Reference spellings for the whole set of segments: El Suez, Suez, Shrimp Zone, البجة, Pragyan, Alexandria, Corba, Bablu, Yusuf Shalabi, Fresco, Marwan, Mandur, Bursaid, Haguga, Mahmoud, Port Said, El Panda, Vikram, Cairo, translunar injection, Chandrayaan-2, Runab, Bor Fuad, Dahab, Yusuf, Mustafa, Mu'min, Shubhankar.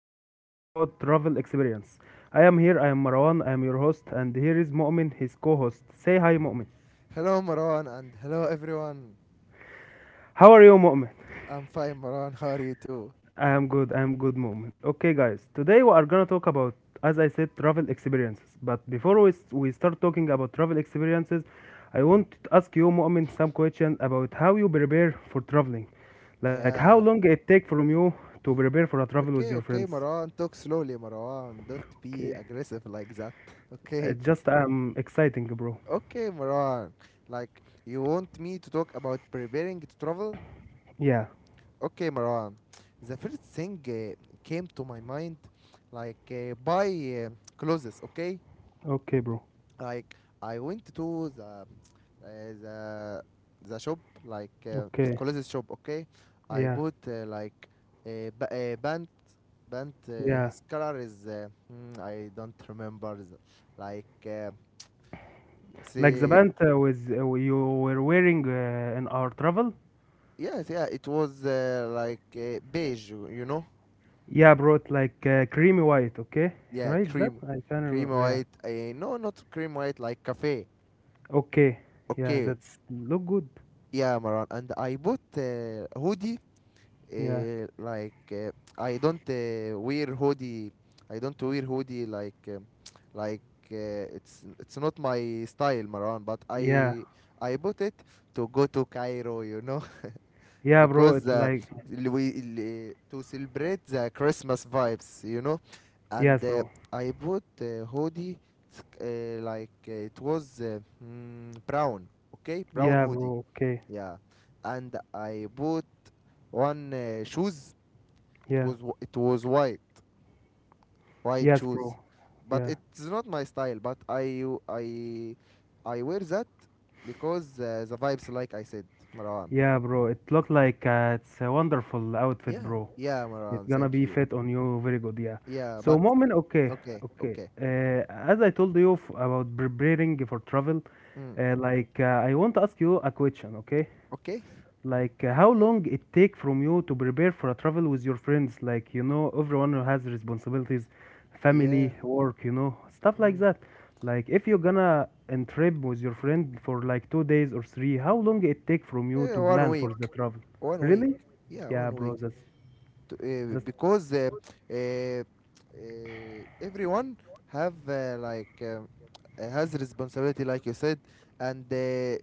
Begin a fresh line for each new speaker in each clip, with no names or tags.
we are gonna talk about travel experience. I am here, I am Marwan, I am your host, and here is Mu'min, his co-host. Say hi Mu'min.
Hello, Marwan, and hello, everyone.
How are you Mu'min?
I'm fine, Marwan. How are you too?
I am good Mu'min. Okay guys, today we are gonna talk about, as I said, travel experiences. But before we start talking about travel experiences, I want to ask you Mu'min some question about how you prepare for traveling. Like how
Yeah.
long it take from you to prepare for a travel with
Okay,
your
okay,
friends.
Marwan. Talk slowly, Marwan. Don't be
Okay.
aggressive like that. Okay?
It's just exciting, bro.
Okay, Marwan. Like, you want me to talk about preparing to travel?
Yeah.
Okay, Marwan. The first thing came to my mind, like, buy uh, clothes, okay?
Okay, bro.
Like, I went to uh, the the shop, like,
Okay.
clothes shop. Okay, I
Yeah.
bought like a, a band.
Yeah.
His color is I don't remember the, like it's
Like the
a,
band with you were wearing in our travel.
Yes, yeah, it was like, beige, you know.
Yeah, bro. It's like creamy white. Okay.
Yeah,
Right? That
cream
I can
cream
remember. Yeah.
white, no, not cream white, like cafe.
Okay. Yeah.
Okay.
That's look good.
Yeah, Maran, and I bought hoodie.
Yeah.
uh, like uh, I don't wear hoodie. I don't wear hoodie, like, like it's not my style, Maran. But
Yeah.
I bought it to go to Cairo,
Yeah, bro.
because
It's like
to celebrate the Christmas vibes. You know.
yes,
And
bro.
I bought hoodie. Like, it was, brown, okay, brown
Yeah,
hoodie,
bro. Okay.
yeah. And I bought one shoes. It
Yeah.
was it was white, white
Yes, bro.
shoes, but
Yeah.
it's not my style. But I I wear that because the vibes, like I said, Marwan.
Yeah, bro. It looked like it's a wonderful outfit,
Yeah,
bro.
yeah,
It's
Marwan.
gonna
Thank
be
you.
fit on you very good, yeah.
Yeah,
So,
but
Mo'min, okay,
okay,
okay.
okay,
As I told you about preparing for travel,
mm,
like I want to ask you a question, okay?
okay.
Like how long it take from you to prepare for a travel with your friends? Like you know, everyone has responsibilities,
Yeah,
family, work, you know, stuff like
mm.
that. Like if you're gonna in trip with your friend for like 2 days or three, how long it take from you to
One
plan for the
week,
travel?
one week.
Really?
Yeah,
Yeah,
one
bro.
week.
That's
To,
that's
because Everyone have like has responsibility, like you said. And uh,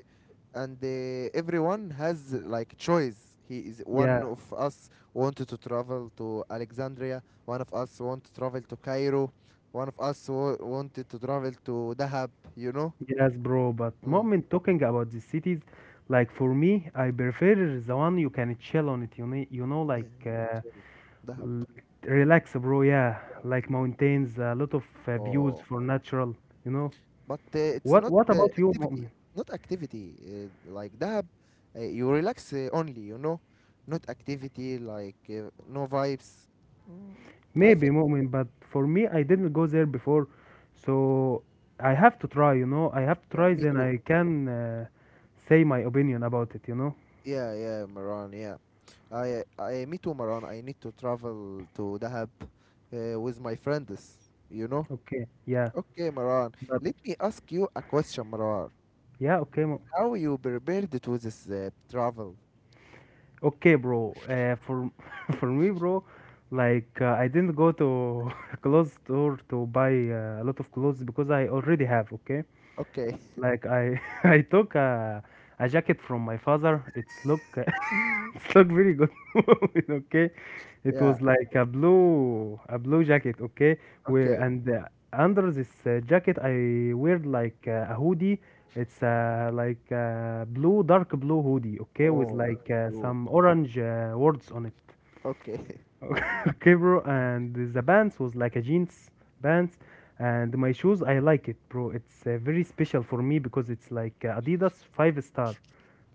and uh, everyone has like choice. He is,
yeah,
one of us wanted to travel to Alexandria, one of us want to travel to Cairo, one of us wanted to travel to Dahab, you know.
yes, bro. But
Mm.
moment talking about the cities, like for me, I prefer the one you can chill on it. You know,
Yeah,
like.
yeah, Dahab.
L- Relax, bro. Yeah, like mountains, a lot of views
Oh.
for natural. You know
But it's
what?
not
What about you,
activity,
Mu'min?
not activity like that. You relax only, you know, not activity like no vibes. Mm, I
Maybe
think
Mu'min, but for me, I didn't go there before, so I have to try. You know, I have to
yeah,
try,
me
then
too.
I can say my opinion about it. You know?
Yeah, yeah, Maran. Yeah, me too, Maran. I need to travel to Dahab with my friends, you know.
Okay. Yeah,
Okay, Maran.
but
Let me ask you a question, Maran.
yeah, okay,
How you prepared to this travel?
okay, bro. For for me, bro, like I didn't go to a clothes store to buy a lot of clothes because I already have. Okay.
Okay.
Like I I took a jacket from my father. It's look it's look very good. Okay, it
Yeah.
was like a blue jacket. Okay, where
Okay.
and under this jacket I wear like a hoodie. It's like blue dark blue hoodie. Okay, with
Oh, dark
like
blue.
some orange words on it.
Okay.
Okay, bro. And the pants was like a jeans pants, and my shoes I like it, bro. It's very special for me because it's like Adidas five star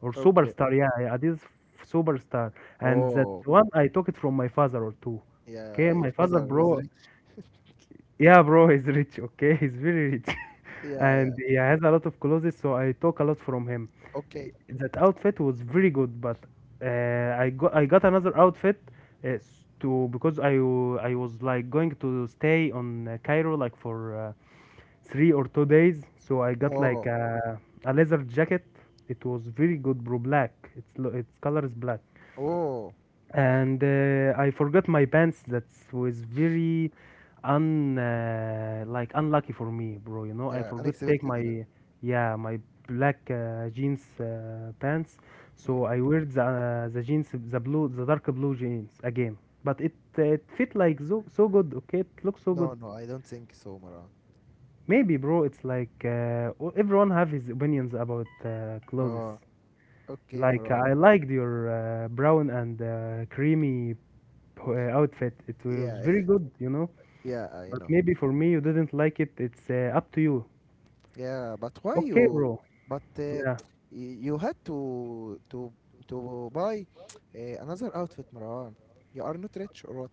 or
Okay.
superstar. Yeah, yeah, Adidas superstar. And that
Oh,
one I took it from my father or two.
yeah,
Okay,
your
my father,
father is
bro,
rich.
yeah, bro, he's rich, okay? He's very rich.
Yeah, yeah.
And he has a lot of clothes, so I took a lot from him. Eh,
Okay.
that outfit was very good, but I got another outfit to because I was like going to stay on Cairo like for 3 or 2 days, so I got like
Oh,
a leather jacket. It was very good, bro, black. Its color is black
oh,
and I forgot my pants. That was very un like unlucky for me, bro. You know, I
yeah,
forgot take
unexpected,
my
yeah.
yeah my black jeans pants.
Mm.
So I wear the jeans the dark blue jeans again. But it fit like so so good. Okay, it looks so good.
No, no, I don't think so, Maran.
Maybe, bro. It's like everyone have his opinions about
Oh,
clothes.
okay,
Like
Maran.
I liked your brown and creamy outfit. It was
Yeah,
very good, you know.
yeah, I
But
know.
maybe for me, you didn't like it. It's up to you.
Yeah, but why
Okay,
you,
bro.
but
Yeah,
you had to buy another outfit, Maran. You are not rich or what?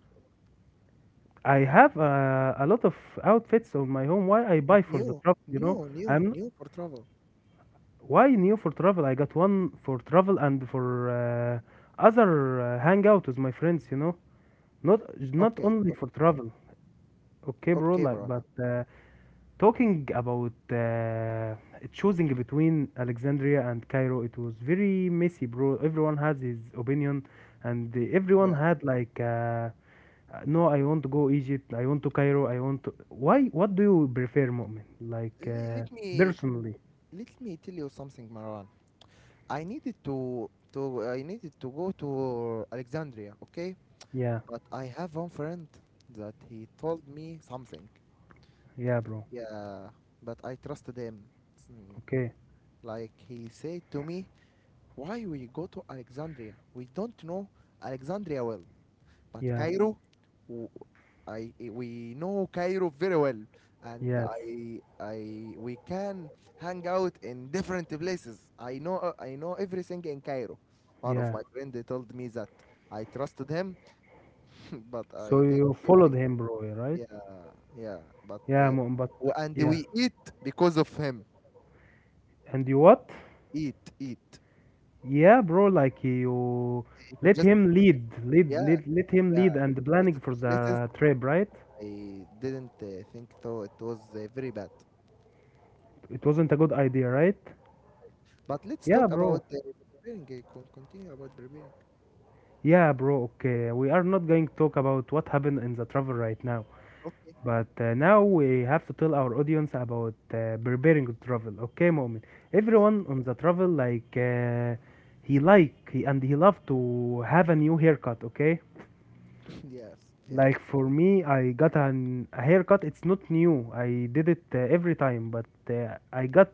I have a lot of outfits on my home. Why I
But
buy for the
new,
travel, you know?
new, new,
I'm
new for travel.
why new for travel. I got one for travel and for other hangout with my friends, you know.
Okay,
Not
o-
not only for travel.
okay,
Okay, bro.
Maran.
Like, but talking about choosing between Alexandria and Cairo, it was very messy, bro. Everyone has his opinion, and everyone
Yeah.
had like, no, I want to go Egypt. I want to Cairo. I want to. Why? What do you prefer, Mu'min? Like
Let me,
personally?
let me tell you something, Marwan. I needed to I needed to go to Alexandria, okay?
Yeah,
But I have one friend that he told me something.
yeah, bro.
Yeah, but I trusted him. Mm.
Okay.
Like he said to me, "Why we go to Alexandria? We don't know Alexandria well." But
Yeah.
Cairo, w- we know Cairo very well, and
Yes.
I we can hang out in different places. I know everything in Cairo. One of
Yeah.
my friend they told me that. I trusted him, but I
So
think
you
yeah,
followed him, bro. Yeah, right?
Yeah, yeah, but
Yeah, Mu'min. But
and
yeah.
we eat because of him.
And you what?
Eat, eat.
Yeah, bro, like you
He
let
suggested
him
some places. Yeah,
lead, let him
yeah.
lead
He
and planning
suggested
for
some places.
the trip, right?
I didn't think though, it was very bad.
It wasn't a good idea, right?
But let's
Yeah,
talk
bro.
about the barbarian. Continue about barbarian.
Yeah, bro, okay. We are not going to talk about what happened in the travel right now,
Okay,
but now we have to tell our audience about preparing to travel. Okay, moment.
okay.
Everyone on the travel like he, and he love to have a new haircut, okay?
Yes, yeah,
Like for me, I got an, a haircut. It's not new. I did it every time, but I got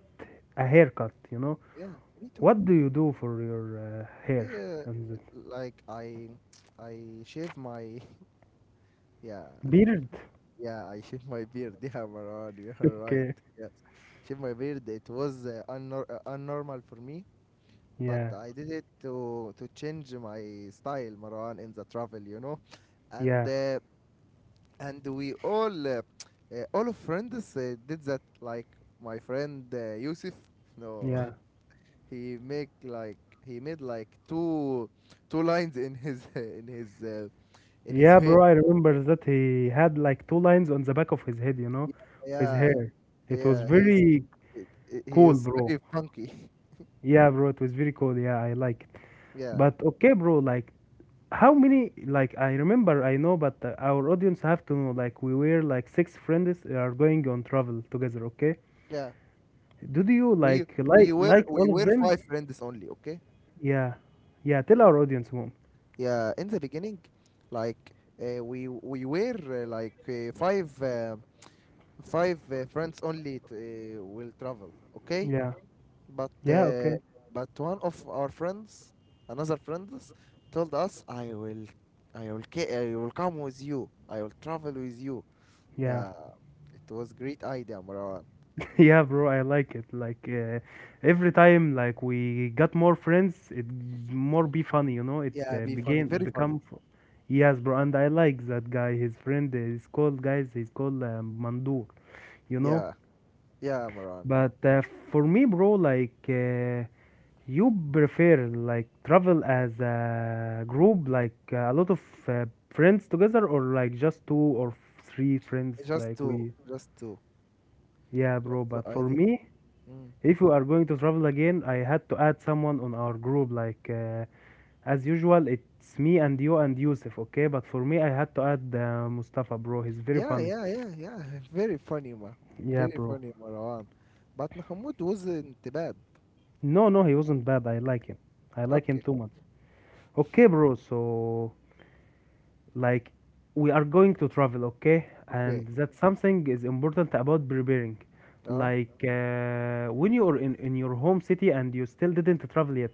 a haircut. You know,
yeah, me too.
what do you do for your hair?
Yeah,
And the
like I, I shave my, yeah,
beard?
yeah, I shave my beard. Yeah, Maran, you're right.
Okay.
Yes, shave my beard. It was unnormal for me, but
Yeah.
I did it to change my style, Maran, in the travel, you know. And
Yeah.
we all, all of friends did that. Like my friend Yusuf, no,
Yeah.
he make like he made like two lines in his in his
Yeah,
hair,
bro. I remember that he had like two lines on the back of his head. You know,
yeah,
of his
yeah.
hair. It was
Yeah, he's,
very
he
cool,
is
bro.
very funky.
Yeah, bro. It was very cool. Yeah, I like it.
Yeah,
But okay, bro. Like how many like I remember I know but our audience have to know like we were like six friends are going on travel together. Okay,
yeah.
do you
we
like
we
all of
were
them?
five friends only, okay.
Yeah, yeah, tell
Uh,
our audience mom.
yeah, in the beginning, like, we were like five five friends only, will travel. Okay,
Yeah,
but
yeah, okay,
one of our friends, another friends, told us, "I will, I will come with you. I will travel with you."
yeah.
Yeah, it was great idea, Marwan.
Yeah bro, I like it like every time like we got more friends it more be funny, you know. It
Yeah, be funny,
began
very funny.
become yes bro, and I like that guy his friend is called guys he's called Mandur, you know.
Yeah, yeah, Marwan, yeah.
But for me, bro, like you prefer like travel as a group, like a lot of uh, friends together, or like just two or three friends,
Just
like
two,
we.
just two,
Yeah,
just
bro.
two.
But
I
for
don't.
me,
Mm.
if you are going to travel again, I had to add someone on our group. Like as usual, it's me and you and Yusuf, okay? But for me, I had to add Mustafa, bro. He's very
Yeah,
funny.
yeah, yeah, yeah. Very funny, ma—
Yeah,
very
bro.
funny, Marwan. But Mahmoud wasn't bad.
No, no, he wasn't bad. I like him. I like him
Okay,
too much. Okay, bro. So like we are going to travel, okay, and
okay,
that something is important about preparing,
uh.
like when you are in your home city and you still didn't travel yet,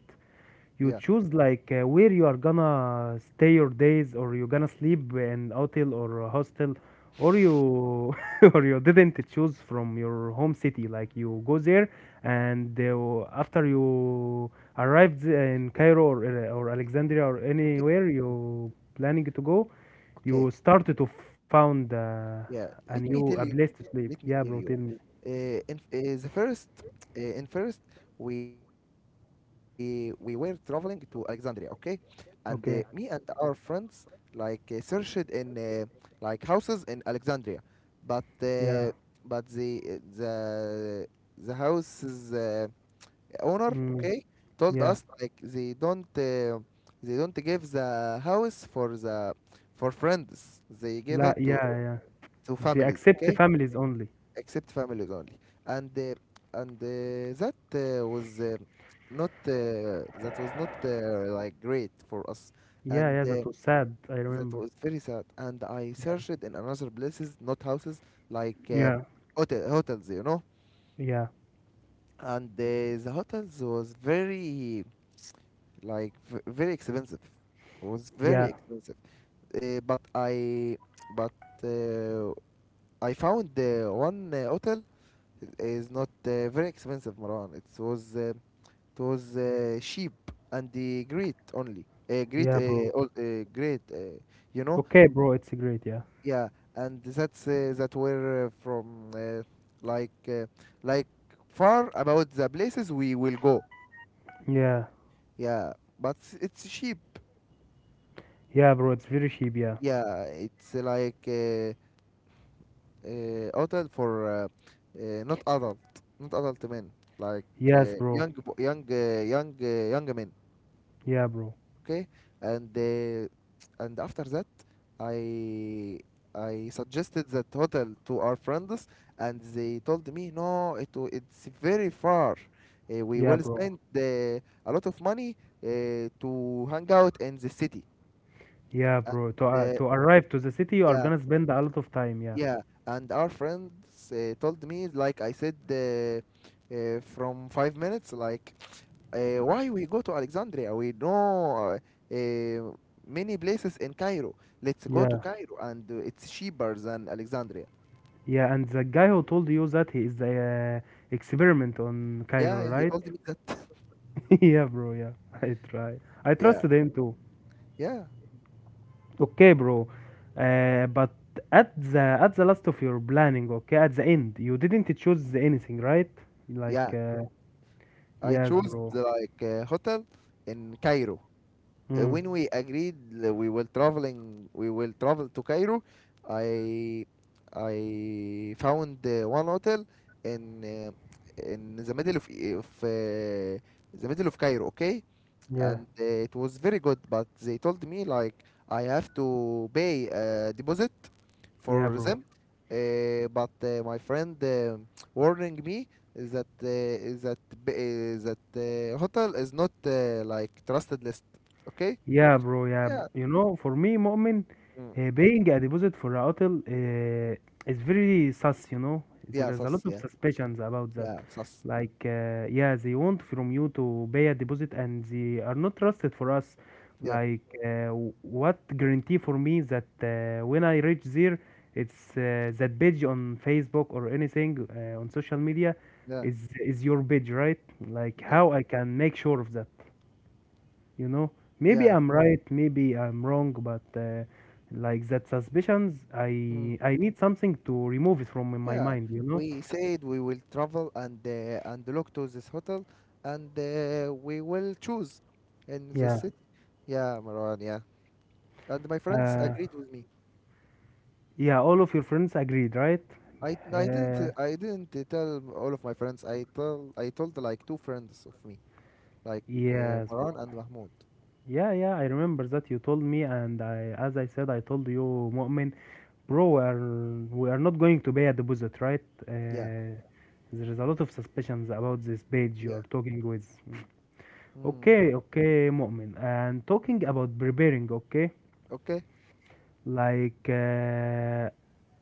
you
Yeah.
choose like where you are gonna stay your days, or you gonna sleep in hotel or a hostel, or you or you didn't choose from your home city, like you go there, and after you arrived in Cairo or Alexandria or
Okay.
anywhere you planning to go,
Okay.
you started to found
Yeah. Let me
a
tell you.
place to sleep.
Let me
Yeah
tell
bro, tell
you.
me.
Uh, in uh, the first, in first, we were traveling to Alexandria. Okay, and me
Okay.
and our friends, like, searched in, like, houses in Alexandria, but
Yeah.
but the uh, the the houses, owner,
Mm,
okay, told
yeah.
us like they don't give the house for the, for friends, they give
La,
it to
yeah, yeah,
to
they
families.
accept the
Okay,
families only.
except families only. And that was not that was not like great for us.
Yeah,
And
yeah, that was sad. I
that
remember.
was very sad, and I
Yeah,
searched in another places, not houses, like
yeah,
hotel, hotels, you know.
yeah,
And the hotels was very, like, very expensive. It was very
yeah,
expensive. But I but uh, I found one hotel, is not very expensive, Maran. It was cheap, and the great, only
yeah, bro.
great, you know.
Okay, bro, it's great. Yeah,
Yeah, and that's that were from like uh, like far about the places we will go,
yeah,
yeah, but it's cheap.
yeah, bro. It's very cheap. Yeah,
Yeah, it's hotel for, not adult, not adult men, like,
yes, bro.
young bo- young young young men.
Yeah, bro.
Okay, and after that, I I suggested that hotel to our friends, and they told me no, it's very far. We
Yeah,
will
bro.
spend a lot of money to hang out in the city.
Yeah, bro.
The,
To arrive to the city, you are
yeah.
gonna spend a lot of time. Yeah,
Yeah, and our friends told me, like I said, from 5 minutes, like, why we go to Alexandria? We know, many places in Cairo. Let's go to
yeah,
Cairo, and it's cheaper than Alexandria.
yeah. And the guy who told you that he is the experiment on
Yeah,
Cairo,
yeah, he
right?
told me that.
Yeah, bro. Yeah, I try. I
Yeah,
trusted him too.
yeah,
Okay, bro. But at the last of your planning, okay, at the end, you didn't choose anything, right? Like,
yeah. I
yes,
chose
bro.
like a hotel in Cairo.
Mm,
When we agreed, we will travel to Cairo. I I found one hotel in, in the middle of of uh, the middle of Cairo. Okay,
yeah,
and it was very good, but they told me like I have to pay a deposit
yeah,
for
bro.
them. But My friend warning me that that hotel is not, like, trusted list. Okay,
Yeah, bro. Yeah,
yeah.
you know, for me, Mu'min,
Mm.
paying a deposit for a hotel is very sus. You know, there
Yeah,
is a lot
sus,
of
yeah.
suspicions about that.
Yeah, sus.
Like, yeah, they want from you to pay a deposit, and they are not trusted for us.
Yeah,
Like, what guarantee for me that when I reach there, it's that page on Facebook or anything on social media
yeah,
is your page, right? Like,
yeah,
how I can make sure of that? you know Maybe
yeah.
I'm right, maybe I'm wrong, but like that suspicions
Mm.
I need something to remove it from my
Yeah.
mind.
We said we will travel and look to this hotel, and we will choose in the
Yeah.
city. Yeah, Marwan, yeah. And my friends
uh
agreed with me.
yeah, all of your friends agreed, right?
I didn't,
uh
tell all of my friends. I told like two friends of me, like,
yes, bro.
Marwan and Mahmoud.
Yeah, yeah, I remember that you told me, and I, as I said, I told you, Mu'min, bro, we are not going to pay a deposit, right?
Yeah,
There is a lot of suspicions about this page you
yeah.
are talking with.
Mm.
Okay, okay, Mu'min. And talking about preparing, okay,
Okay.
like uh,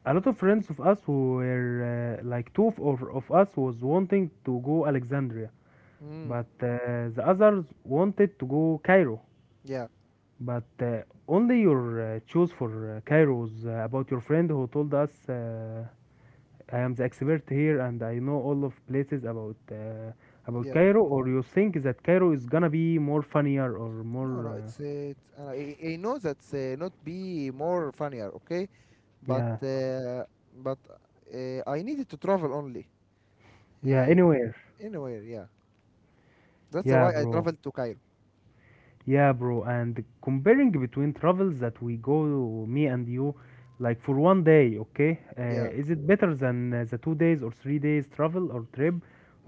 a lot of friends of us who were like two of us was wanting to go Alexandria,
Mm.
but the others wanted to go Cairo.
Yeah,
But only your choose for Cairo was about your friend who told us, "I am the expert here and I know all of places about
yeah.
Cairo." Or you think that Cairo is gonna be more funnier or
No,
more?
no, it's it's. I know that's not be more funnier, okay? But
Yeah.
but I needed to travel only,
Yeah,
uh,
anywhere.
anywhere. Yeah, that's
Yeah,
why I
bro.
traveled to Cairo.
Yeah, bro. And comparing between travels that we go, me and you, like for one day, okay?
Yeah,
Is it better than the 2 days or 3 days travel or trip,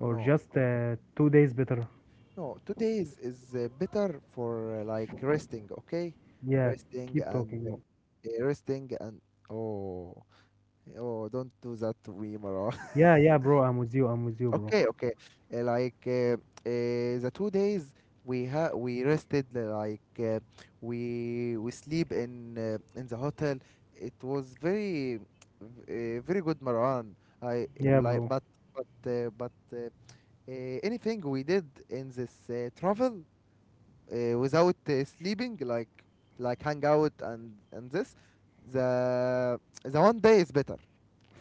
or just 2 days better?
no. 2 days is better for, like, resting, okay?
Yeah,
Resting
keep
and
talking, bro.
uh, resting and oh, oh, don't do that to me, Mara.
Yeah, yeah, bro. I'm with you. I'm with you, bro.
Okay, okay. Uh, like uh, uh, the 2 days we ha we rested, we sleep in, in the hotel. It was very, very good, Maran. I
Yeah,
like,
bro.
but but uh, but uh, anything we did in this travel, without sleeping, like, hang out and this, the the one day is better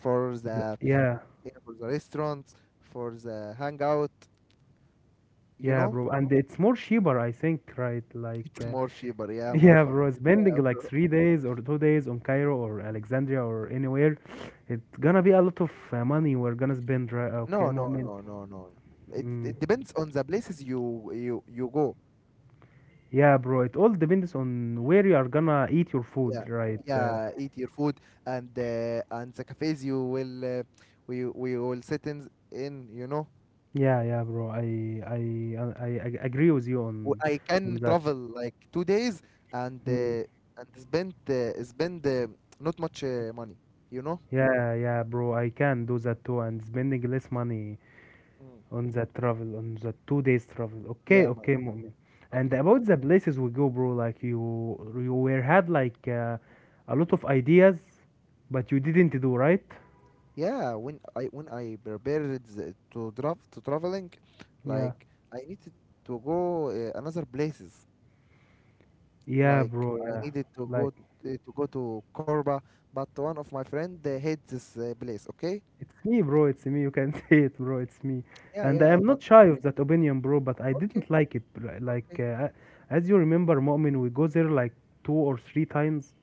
for the,
Yeah,
you know, for the restaurants, for the hangout. You
yeah,
know,
bro. And it's more cheaper, I think, right? Like,
it's more cheaper. Yeah, bro.
yeah, bro, spending
Yeah,
like
bro.
3 days or 2 days on Cairo or Alexandria or anywhere, it's gonna be a lot of money we're gonna spend, right? Okay,
No, no,
Mu'min.
no, no, no, no. It
Mm.
it depends on the places you go.
Yeah, bro, it all depends on where you are gonna eat your
Yeah,
food, right?
yeah. Eat your food and the cafes you will, we will sit in in. You know,
Yeah, yeah, bro, I agree with you
I
on
can
that.
travel like 2 days and
Mm.
spend not much money. You know.
Yeah, yeah, bro, I can do that too, and spending less money
Mm.
on the travel, on the 2 days travel. Okay,
Yeah, Mara.
okay, Mu'min. And about the places we go, bro, like you were had like a lot of ideas, but you didn't do, right?
Yeah, when I prepared to draft to traveling,
Yeah,
like, I needed to go, another places.
yeah,
Like
bro.
I
Yeah,
needed to go,
like
to go to Corba, but one of my friend they hate this place. Okay,
it's me, bro, it's me. You can say it, bro, it's me.
yeah,
And I
yeah,
am
but
not shy of that opinion, bro, but I
okay,
didn't like it, bro.
okay,
As you remember, Mu'min, we go there like 2 or 3 times,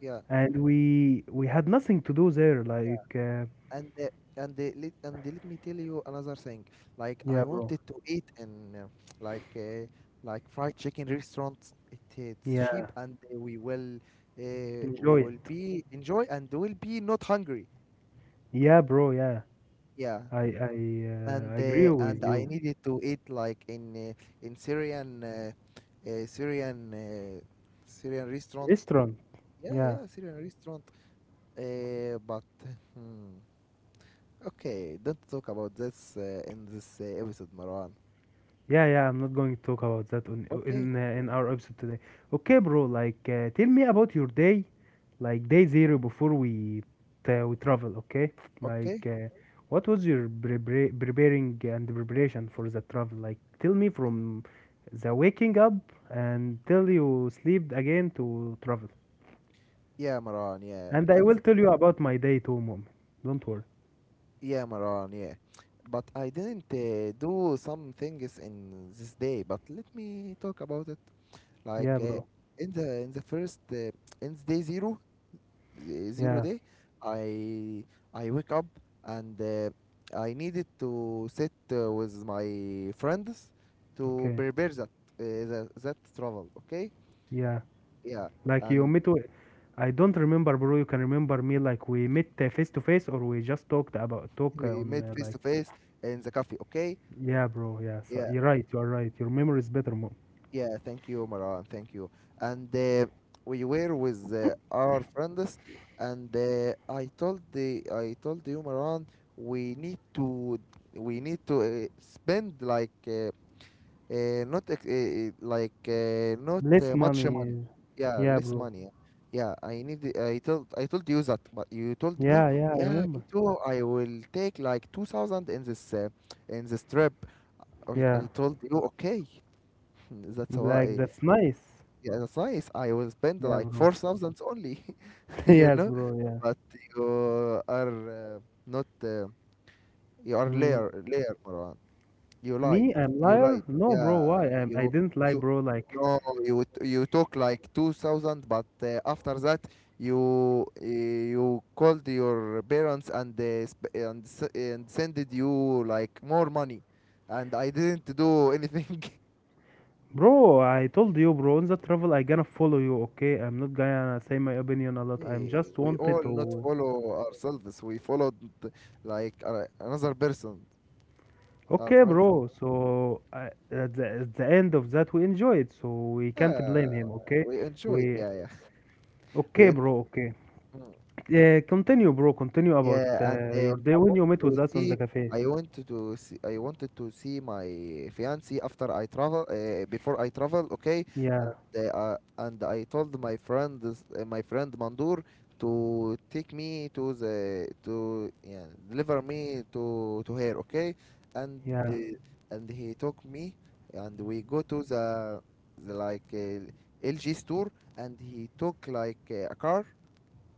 yeah.
and we had nothing to do there,
and uh, and let and Let me tell you another thing. Like I
yeah, bro,
wanted to eat in like uh, like fried chicken restaurants. It's
yeah.
cheap, and we
Enjoy it.
will be enjoy and will be not hungry.
Yeah, bro. Yeah,
Yeah,
I I
and
uh, agree
uh,
with
and I
you.
needed to eat like in uh, Syrian uh, Syrian restaurant.
Restaurant.
Yeah,
Yeah,
yeah, Syrian restaurant. But hmm, okay, don't talk about this in this episode, Maran.
yeah, yeah. I'm not going to talk about that on
Okay,
in our episode today. Okay, bro. Tell me about your day, like day zero before we travel. Okay, like,
okay.
uh, what was your preparing and preparation for the travel? Like, tell me from the waking up and till you sleep again to travel.
Yeah, Maran, yeah.
And I will tell you about my day too, mom. Don't worry.
Yeah, Maran, yeah. But I didn't do some things in this day, but let me talk about it. Like
Yeah,
uh,
bro.
in the first in the day zero, the zero
Yeah.
day, I I wake up and I needed to sit with my friends to
Okay.
prepare that travel, okay?
Yeah.
Yeah,
Like you
and
meet with, I don't remember, bro. You can remember me, like, we met face to face, or we just talked about talk
we
on
met
uh,
face
like.
to face in the cafe. Okay.
Yeah, bro. Yeah. So
Yeah.
you're right. You are right. Your memory is better, more.
Yeah. Thank you, Maran. Thank you. And We were with our friends, and I told the I told you, Maran, we need to we need to spend like not ex- like not
Less
much money.
money.
Yeah,
Yeah,
less
bro.
money. Yeah. Yeah, I need. I told you that, but you told me,
Yeah, yeah. I
yeah,
remember.
me too. I will take like 2,000 in this trip. I,
Yeah.
I told you, okay, that's
Like,
why.
that's nice.
Yeah, that's nice. I will spend
Yeah,
like
bro.
4,000 only, you
Yes,
know,
bro. Yeah.
but you are not, you are
Mm.
liar, liar, Marwan. You lied,
Me, I'm
you
liar?
lied.
No, bro. Why?
Yeah,
I didn't lie,
you,
bro. Like,
no, you took like 2,000, but after that, you called your parents, and they sp and, s- and sended you like more money. And I didn't do anything.
bro, I told you, bro, in the travel, I gonna follow you, okay? I'm not gonna say my opinion a lot. I'm
Hey,
just
we all
wanted
not
to.
follow ourselves. We followed another person, our
Okay,
friends.
bro. So I, at the end of that, we enjoyed, so we can't
Yeah,
blame him, okay?
we enjoyed.
We.
Yeah, yeah. We
Okay,
en
bro. Okay.
Mm.
Continue, bro. Continue about
Yeah, and
uh, your day when you met with us on the cafe.
I wanted to see my fiancée after I travel. Before I travel, okay.
Yeah,
they are And I told my friend Mandur to take me to the to yeah, deliver me to her, okay, and
yeah,
and he took me, and we go to the LG store, and he took a car,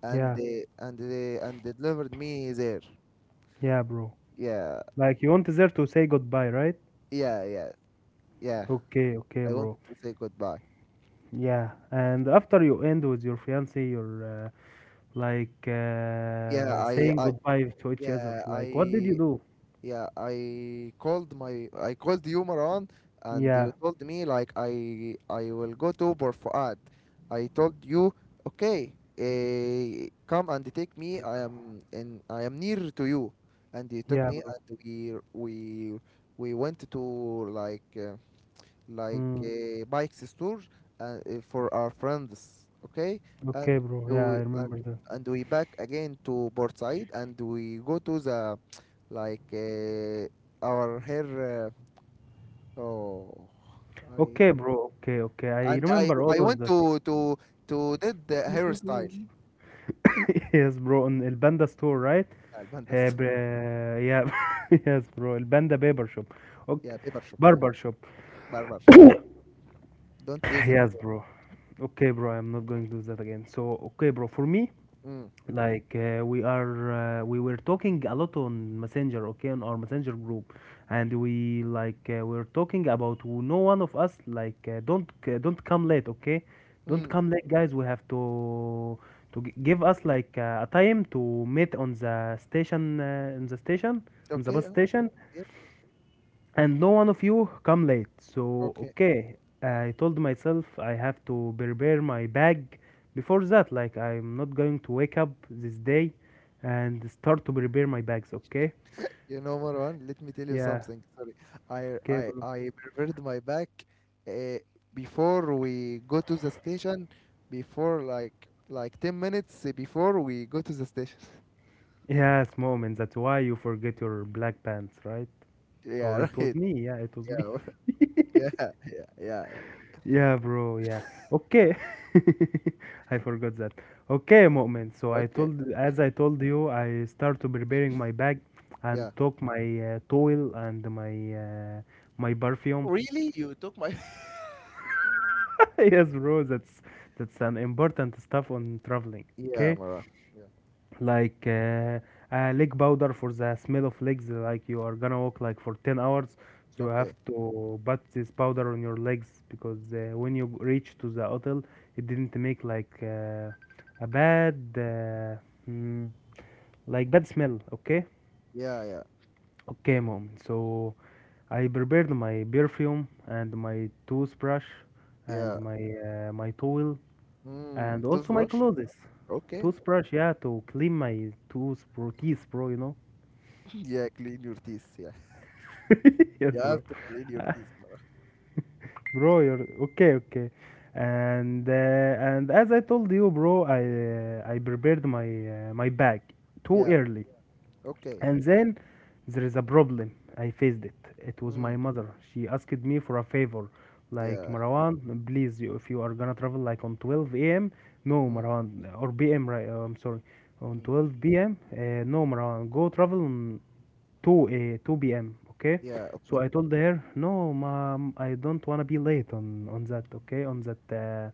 and
yeah,
they delivered me there.
yeah, bro.
Yeah,
Like, you want there to say goodbye, right?
yeah, yeah, yeah.
Okay, okay,
I
bro.
wanted to say goodbye.
Yeah, and after you end with your fiance, your eh, like
Yeah.
uh, saying
I
goodbye to each other.
yeah I
Like, what did you do?
Yeah, I called my I called you, Maran, and
Yeah,
you told me like I will go to Bor Fuad. I told you, okay, come and take me. I am near to you, and you took
yeah,
me,
bro.
and we went to like uh, like
Mm,
a bike store, for our friends, okay, and
okay, bro. Yeah, I
we, and
remember that.
and we back again to Port Said, and we go to the like uh, our hair. Uh, oh, I
Okay, bro. Okay, okay. I
and I
remember
I
all of
want
that.
to did the hairstyle.
Yes, bro. On El Panda store, right?
Yeah, الباندا ست-
Yeah, yes, bro. El Panda barber shop. Okay,
yeah, barber shop. Yeah,
barber shop.
barber shop. Yeah, don't do that
Yes,
again.
bro. Okay, bro. I'm not going to do that again. So, okay, bro. For me,
Mm.
like uh, we are we were talking a lot on messenger, okay, on our messenger group, and we're talking about, no one of us, don't come late, okay? Don't
Mm.
come late, guys, we have to give us like a time to meet on the station in the station, on the
Okay.
bus station,
Yeah.
and no one of you come late. So,
Okay.
okay, I told myself I have to prepare my bag before that. Like, I'm not going to wake up this day and start to prepare my bags, okay?
You know, Marwan, let me tell you
Yeah,
something. Sorry, I
okay,
I
bro.
I prepared my back uh, before we go to the station. Before like 10 minutes before we go to the station.
Yes, moment. That's why you forget your black pants, right?
Yeah,
Or it was
right.
me. Yeah, it was me.
Yeah. Yeah. Yeah, yeah, yeah.
Yeah, bro. Yeah. Okay. I forgot that. Okay, Mu'min. So I
Okay.
told, as I told you, I start to preparing my bag and
Yeah.
took my towel and my perfume.
Really? You took my.
Yes, bro. That's an important stuff on traveling.
Yeah,
Okay.
Mara. Yeah.
like uh, Leg powder for the smell of legs. Like, you are gonna walk like for 10 hours, so you have
Okay.
to put this powder on your legs, because when you reach to the hotel, it didn't make like a bad mm, like bad smell, okay?
Yeah, yeah,
Okay, mom. So I prepared my perfume and my toothbrush and
yeah.
my towel,
Hmm.
and also my
Toothbrush.
clothes.
Okay.
Toothbrush, yeah, to clean my tooth, bro, teeth, bro. You know.
Yeah, clean your teeth. Yeah,
Yes,
you
bro.
have to clean your
Ah,
teeth, Mara.
bro, you're okay, okay. And as I told you, bro, I prepared my bag too
Yeah.
early.
Okay.
And then there is a problem. I faced it. It was
Hmm.
my mother. She asked me for a favor. Like,
Yeah.
Marwan, please, you, if you are gonna travel like on 12 a.m., no,
Mm,
Marwan, or p.m., right? I'm sorry. On
mm.
12 p.m., no, Marwan, go travel on 2 p.m. Okay,
Yeah. Okay.
so I told her, no, mom, I don't wanna be late on that. Okay, on that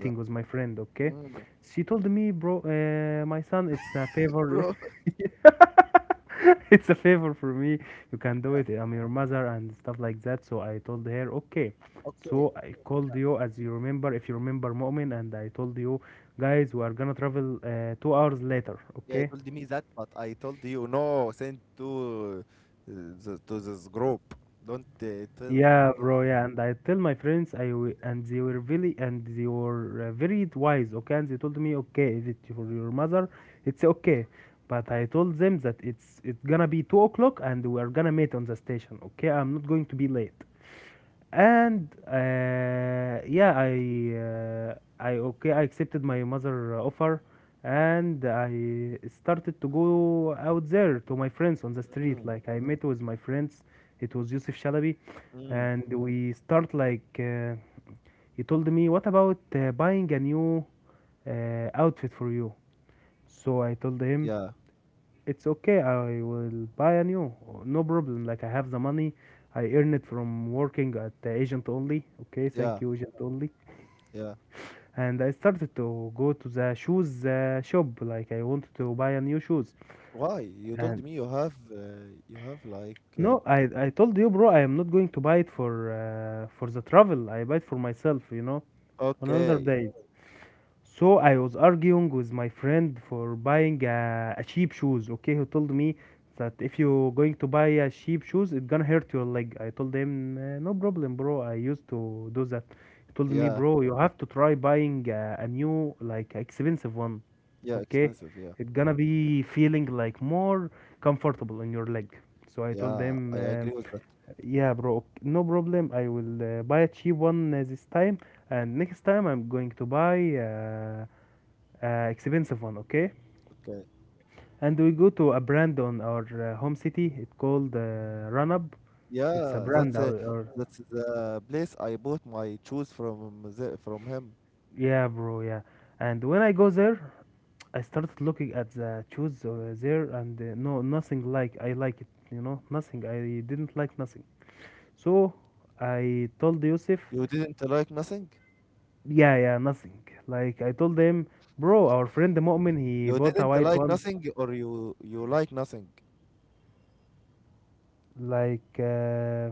Yeah.
with my friend. Okay,
Mm.
she told me, bro, my son, it's a favor.
Bro.
It's a favor for me. You can do
Yeah.
it. I'm your mother and stuff like that. So I told her, okay.
Okay.
So I called
Yeah.
you, as you remember, if you remember, Mu'min, and I told you, guys, we are gonna travel 2 hours later.
Yeah, you
Okay.
told me that, but I told you no. Send to this group. Don't tell.
Yeah,
Don't.
bro. Yeah, and I tell my friends, I w and they were really, and they were very wise. Okay, and they told me, okay, if it for your mother, it's okay. But I told them that it's gonna be 2 o'clock and we are gonna meet on the station. Okay, I'm not going to be late, and yeah uh, I okay, I accepted my mother offer, and I started to go out there to my friends on the street.
Mm,
Like, I met with my friends. It was Yusuf Shalabi.
mm.
And we start, he told me, what about buying a new outfit for you? So I told him,
Yeah.
it's okay. I will buy a new. No problem. Like, I have the money. I earn it from working at the agent only. Okay, thank
Yeah,
you, agent only.
yeah.
And I started to go to the shoes shop. Like, I wanted to buy a new shoes.
Why? You told
And
me you have like
no, I told you, bro. I am not going to buy it for the travel. I buy it for myself. You know, on another
okay.
day. So I was arguing with my friend for buying a cheap shoes. Okay, he told me that if you going to buy a cheap shoes, it gonna hurt your leg. I told him, No problem, bro. I used to do that." He told me,
Yeah.
bro, you have to try buying a new, like expensive one.
Yeah,
Okay,
expensive, yeah.
it's gonna be feeling like more comfortable on your leg. So I told
Yeah,
him,
I agree with that.
yeah, bro, no problem. I will buy a cheap one this time, and next time I'm going to buy expensive one, okay.
Okay.
And we go to a brand on our home city. It's called Runab. It's a
Yeah,
brand, or
that's the place I bought my shoes from him.
yeah, bro, yeah. And when I go there, I started looking at the shoes there, and no, nothing like I like it. You know, nothing. I didn't like nothing. So I told Yusuf,
You didn't like nothing?
yeah, yeah, nothing, like I told him, bro, our friend the Mu'min, he
You
bought a
didn't
white
like
one,
nothing, or you like nothing?
like uh,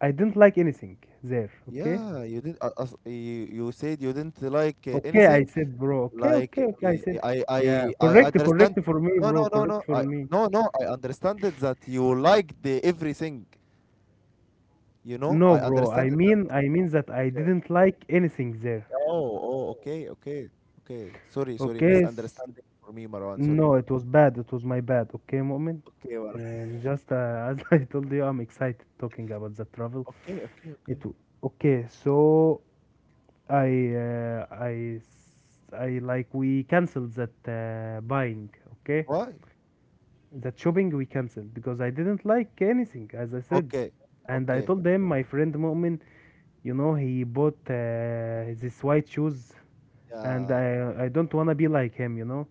I didn't like anything there, okay.
Yeah, you did, as you said you didn't like
Okay, I
anything.
said, bro. Okay,
Like
okay, okay. I
eh, eh,
said,
I I
yeah,
I
correct,
understand.
correct for me,
No, no,
bro.
no, no.
Correct for
I
me.
No, no. I understand it that you like the everything. You know,
No,
I
bro. I
understand it.
mean, I mean that I
Okay.
didn't like anything there.
Oh, oh, okay, okay, okay. Sorry, sorry.
Okay.
Misunderstanding for me, Marwan. Sorry.
No, it was bad. It was my bad. Okay, moment.
Okay, Marwan.
Just as I told you, I'm excited talking about the travel.
Okay, okay, okay.
It w- okay. So I, I like we canceled that buying. Okay.
Why?
That shopping we canceled because I didn't like anything, as I said.
Okay,
And I
okay.
told them, my friend Mu'min, you know, he bought this white shoes, and
Yeah.
I don't wanna be like him, you know.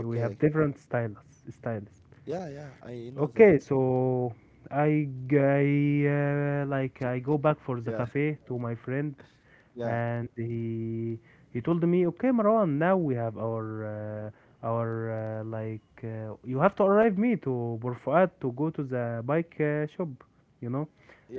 We have different styles, styles.
Yeah, yeah. I know that.
Okay, so like I go back for the
Yeah,
cafe to my friend,
yeah,
and he told me, okay, Marwan, now we have our like you have to arrive me to Burfuat to go to the bike shop, you know,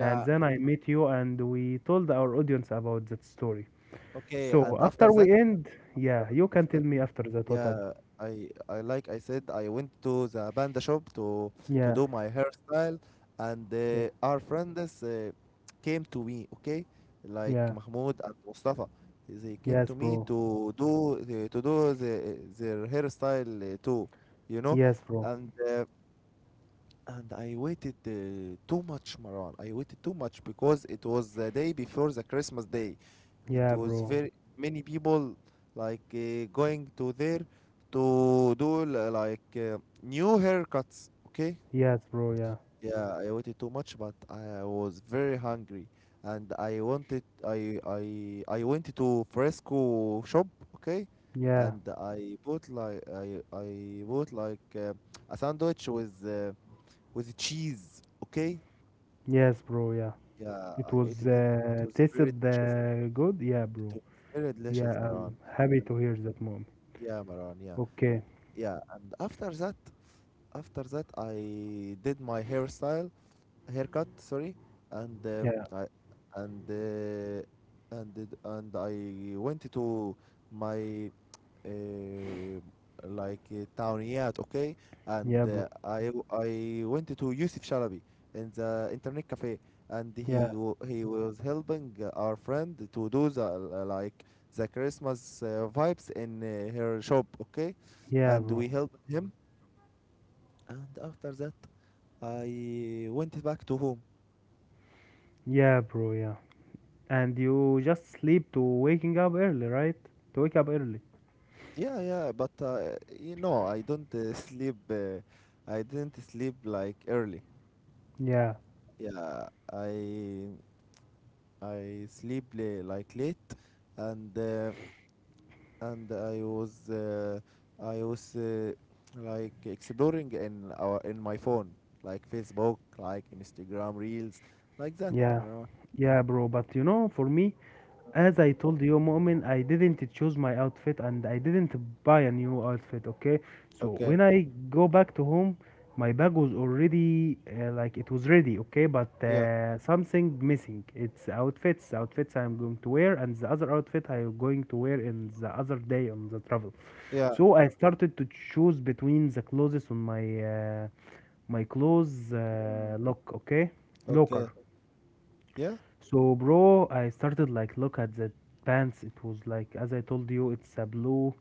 and then I meet you and we told our audience about that story.
Okay.
So
And after
after we
that.
end, yeah, you can tell
After
me
that,
after that what happened.
yeah, I like I said, I went to the panda shop to
Yeah,
do my hairstyle, and
yeah,
our friends came to me, okay, like
yeah,
Mahmoud and Mustafa. They came
yes,
to me
bro,
their hairstyle, too, you know,
yes, bro.
and I waited too much, Marwan. I waited too much because it was the day before the Christmas day. It
Yeah,
was
bro.
very many people going to there to do new haircuts. Okay.
Yes, bro. Yeah.
Yeah, I waited too much, but I was very hungry, and I wanted I went to Fresco shop. Okay,
Yeah.
and I bought a sandwich with cheese. Okay.
Yes, bro. Yeah.
Yeah,
It
I ate
was
it. It was very
tasted
delicious.
good. Yeah,
It
bro.
was very delicious,
Yeah, I'm
Maran.
happy to hear that, mom.
Yeah, Maran, yeah.
Okay.
Yeah, and after that I did my hairstyle, haircut, sorry, and
Yeah.
I and uh, and did- and I went to my uh, Tawniyat, okay? And
Yeah, bro.
I went to Yusuf Shalabi in the internet cafe, and
Yeah.
he was helping our friend to do the Christmas vibes in her shop, okay?
Yeah,
And we
bro.
helped him, and after that I went back to home.
Yeah, bro. Yeah. And you just sleep to waking up early, right? To wake up early.
Yeah, yeah, but you know I don't sleep. I didn't sleep like early.
Yeah.
Yeah, I I sleep like late, and and I was like exploring in my phone, like Facebook, like Instagram Reels, like that,
Yeah.
Marwan.
Yeah, bro. But you know, for me, as I told you, Mu'min, I didn't choose my outfit and I didn't buy a new outfit, okay? So
Okay.
when I go back to home, my bag was already like it was ready, okay? But
Yeah.
something missing. It's outfits, outfits I'm going to wear, and the other outfit I'm going to wear in the other day on the travel.
Yeah.
So I started to choose between the clothes on my my clothes lock, okay? Locker.
Okay. Yeah.
So, bro, I started like look at the pants. It was like as I told you, it's a blue,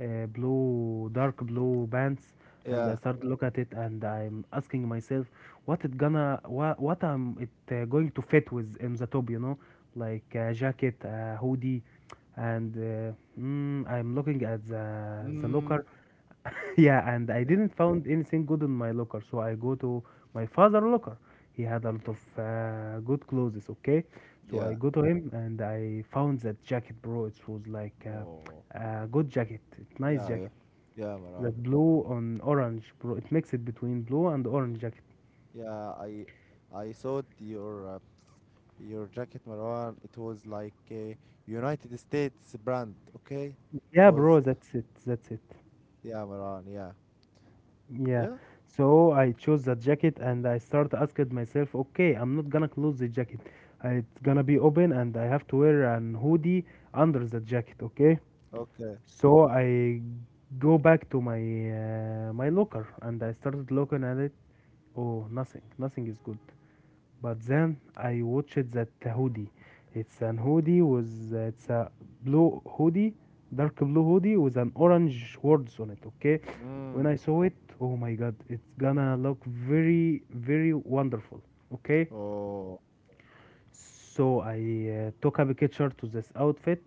blue, dark blue pants, and I
Yeah.
started look at it, and I'm asking myself, what it gonna, what I'm it going to fit with in the top, you know, like a jacket, a hoodie, and I'm looking at the
Mm.
locker, yeah, and I
Yeah.
didn't found anything good in my locker, so I go to my father locker. He had a lot of good clothes, okay? So I
Yeah.
go to him and I found that jacket, bro. It was like
Oh.
a good jacket, nice
Yeah. Yeah.
jacket.
Yeah, Marwan.
That blue on orange, bro. It mixed it between blue and orange jacket.
Yeah. I saw your jacket, Marwan. It was like a United States brand, okay? It
Yeah, bro,
was,
that's it. That's it.
yeah, Marwan, yeah.
Yeah.
Yeah?
So I chose that jacket and I start asking myself, okay, I'm not gonna close the jacket. It's gonna be open and I have to wear an hoodie under the jacket, okay?
Okay.
So I go back to my my locker and I started looking at it. Oh, nothing. Nothing is good. But then I watched that hoodie. It's an hoodie with it's a blue hoodie, dark blue hoodie with an orange words on it. Okay, when
Mm.
I saw it, oh my god, it's gonna look very very wonderful. Okay,
Oh,
so I took a picture to this outfit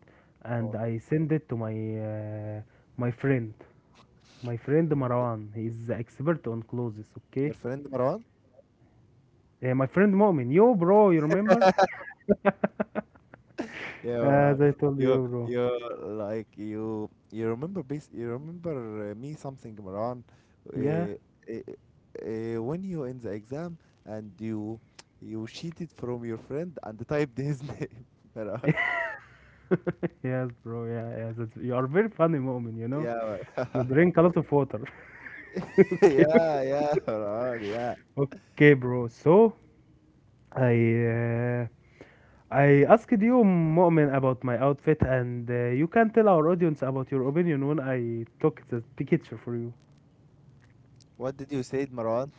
and
oh.
I sent it to my my friend, my friend Marwan. He's the expert on clothes. Okay,
Your friend, Marwan?
my friend Momin, yo bro, you remember?
Yeah,
As
Marwan.
I told you, bro.
Like, you remember me something, Marwan?
Yeah,
Uh, uh, when you in the exam, and you cheated from your friend, and typed his name, Marwan.
yes, bro. Yeah, yeah. That's, you are very funny moment, you know.
Yeah,
You
Marwan.
drink a lot of water. Okay.
Yeah, yeah, Marwan, yeah.
Okay, bro. So I uh, I asked you, Mu'min, about my outfit, and you can tell our audience about your opinion when I took that picture for you.
What did you say, Maran?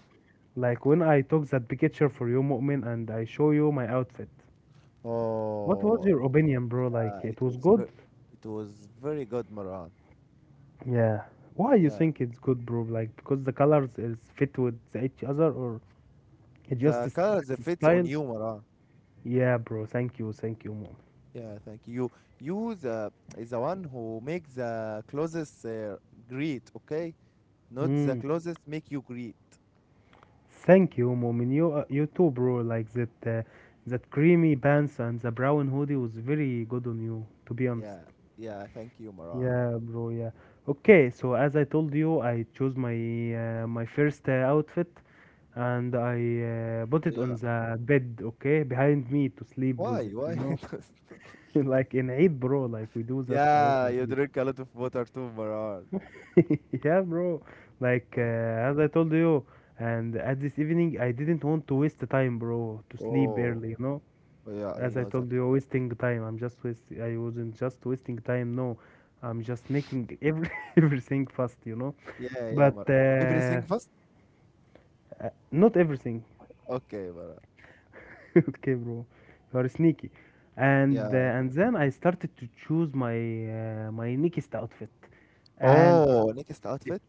Like when I took that picture for you, Mu'min, and I show you my outfit. What was
Oh,
your opinion, bro?
uh,
Like
it
it was
was
good?
ver- it was very good, Maran.
Yeah. Why you
Yeah,
think it's good, bro? Like because the colors is fit with each other, or it's just
the colors that fits on
style.
you, Maran.
Yeah, bro. Thank you. Thank you, mom.
Yeah, thank you. You the is the one who make the closest greet, okay? Not the
Mm.
closest make you greet.
Thank you, mom. And you, you too, bro. Like that, that creamy pants and the brown hoodie was very good on you, to be
Yeah,
honest.
yeah, thank you, Maran.
Yeah, bro. Yeah. Okay. So as I told you, I chose my my first outfit, and I put it on
Yeah.
the bed. Okay, behind me to sleep
Why?
with it.
Why?
You know, like in Eid, bro. Like we do that a lot.
Yeah, you drink a lot of water too, Maran.
Yeah, bro. Like
Uh,
as I told you, and at this evening, I didn't want to waste the time, bro, to sleep
oh,
early. You know,
yeah, you
as I
know that.
told you, wasting time. I'm just waste. I wasn't just wasting time. No, I'm just making every everything fast. You know,
Yeah, yeah,
but
Maran. Everything fast?
not everything.
Okay, Maran.
Okay, bro, you are sneaky.
Yeah.
And then I started to choose my my neatest outfit, and
Oh, latest
it
outfit?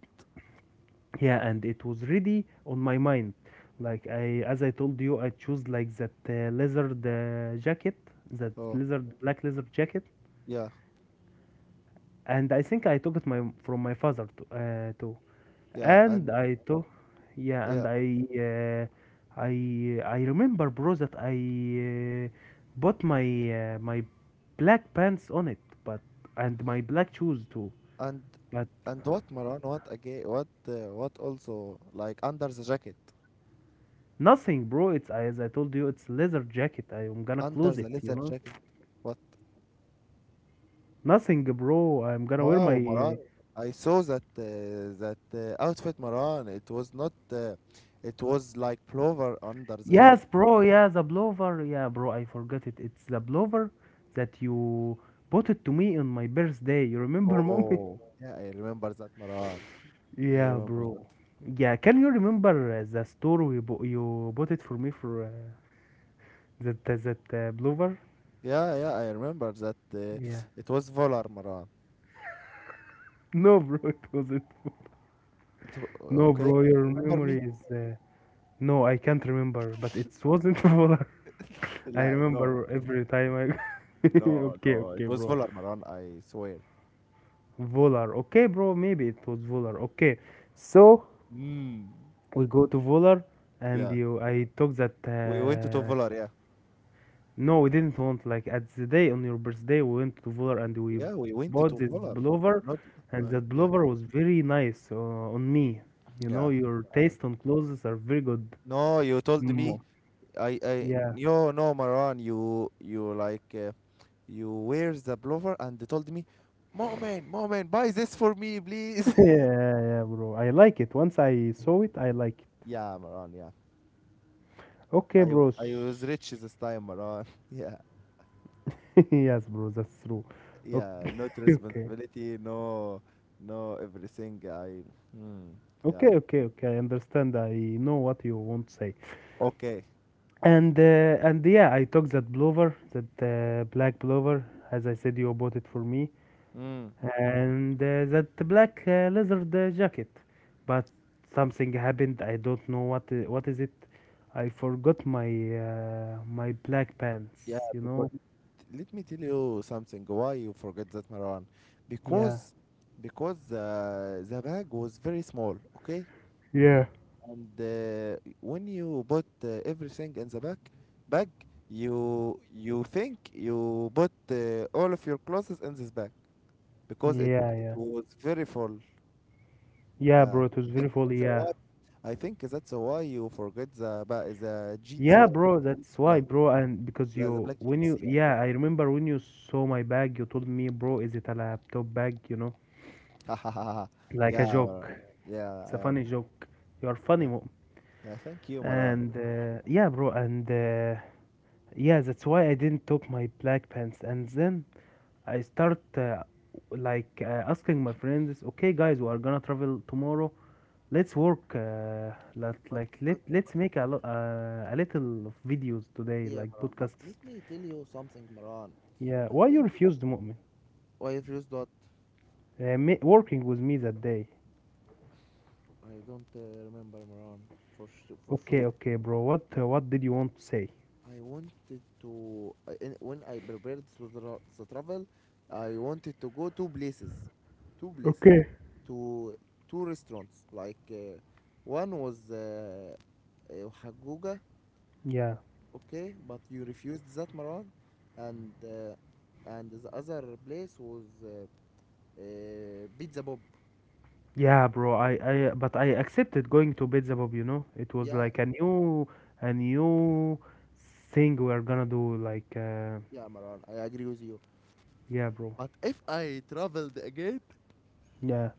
yeah and it was ready on my mind like I as I told you I chose like that lizard jacket, that
Oh,
lizard black lizard jacket,
yeah,
and I think I took it my from my father to, too,
yeah,
and I took, yeah, and
yeah,
I remember bro that I bought my my black pants on it, but, and my black shoes too,
and
but
and what, Maran? What again? What also, like, under the jacket?
nothing, bro. It's as I told you, it's leather jacket. I'm gonna
Under
close
the
it, you
leather
know.
jacket? What?
Nothing, bro. I'm gonna wear
Wow,
my.
Maran! I saw that outfit, Maran. It was not. It was like plover under the jacket.
Yes, bro. Yeah, the blower. Yeah, bro. I forgot it. It's the blower that you bought it to me on my birthday. You remember, mommy?
Oh, yeah, I remember that, Maran. I
Yeah,
remember that.
bro. Yeah, can you remember the store we bought? You bought it for me for that that blower?
Yeah, yeah, I remember that.
Yeah.
It was Volar, Maran.
No, bro. It wasn't. No,
Okay,
bro. Your
remember
memory
me?
is. No, I can't remember, but it wasn't Volar. I
لا
remember
no.
every time I.
No,
Okay,
no,
okay,
it was
bro.
Volar, Maran, I swear.
Volar. Okay, bro. Maybe it was Volar. Okay, so
Mm.
we go to Volar, and
Yeah,
you. I took that.
we went to Volar, yeah.
No, we didn't want like at the day on your birthday. We went to Volar and we
Yeah, we went to
bought this
Volar.
blower,
Not,
and that
yeah.
blower was very nice on me. You know,
Yeah.
your
Uh,
taste on clothes are very good.
no, you told
Mm,
me,
yeah.
no, no, Maran, you like, you wear the blower, and they told me, "Moment, moment, buy this for me, please."
Yeah, yeah, bro. I like it. Once I saw it, I like it.
yeah, Maran, yeah.
Okay,
I,
bro.
I was rich this time, Maran. Yeah.
Yes, bro, that's true.
Yeah,
Okay,
not
okay,
responsibility, no, no everything. Mm, yeah,
okay, okay, okay. I understand. I know what you want to say.
okay.
And yeah, I took that blower, that black blower. As I said, you bought it for me,
Mm,
and that black leather jacket. But something happened. I don't know what is it. I forgot my my black pants.
yeah,
You
because
know?
let me tell you something. Why you forget that, Maran?
Yeah.
Because, because the bag was very small. Okay,
Yeah.
and when you put everything in the bag, you think you put all of your clothes in this bag, because it
Yeah,
it
yeah.
was very full.
Yeah,
Yeah,
bro, it
I
was
think
very full,
that's a
yeah.
why. I think that's a why you forget the, but the jeans,
Yeah, bro,
jeans,
that's why,
black,
bro, and because
the
you
black
when
jeans.
you
Yeah,
yeah, I remember when you saw my bag, you told me, bro, is it a laptop bag, you know?
yeah,
Like a joke.
Yeah,
It's a funny joke. You are funny,
yeah,
mom.
yeah. Thank you, Maran.
And yeah, bro, and yeah, that's why I didn't took my black pants. And then I start like asking my friends, okay, guys, we are gonna travel tomorrow. Let's work. Let
But
like let
but
let's make a a little of videos today,
yeah,
like
Maran. But let
podcasts.
me tell you something, Maran.
Yeah.
I
Why you
need it.
refused, Mu'min?
Why if you dot?
Working with me that day.
I don't remember, Maran. For
Okay,
sure.
okay, bro. What did you want to say?
I wanted to I- in- When I prepared to travel, I wanted to go two places,
Okay.
to two restaurants. One was Haguga,
Yeah.
okay, but you refused that, Marwan, and uh, and the other place was Pizza Bob.
Yeah, bro. I but I accepted going to Pizza you know. It was
Yeah,
like a new thing we are gonna do like uh,
yeah, Marwan, I agree with you.
yeah, bro.
But if I traveled again,
Yeah.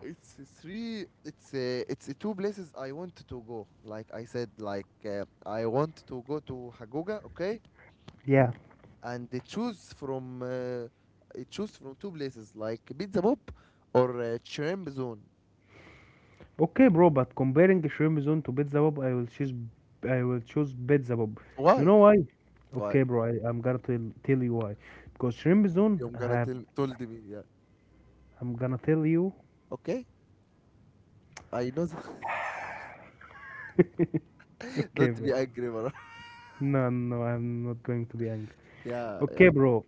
it's three it's a, it's two places I want to go like I said I want to go to hagoga, okay,
Yeah.
and they choose from I choose from two places like pizza bob or shrimp zone.
Okay, bro, but comparing shrimp zone to Pizza Bob, I will choose, I will choose Pizza Bob. You
Why?
know why?
Why?
Okay, bro, I'm gonna tell you why. Because shrimp zone,
You're gonna
I,
tell told me, yeah?
I'm gonna tell you.
Okay, I know that.
Okay,
Don't
bro.
be angry, bro.
No, no, I'm not going to be angry.
Yeah,
Okay,
yeah,
bro.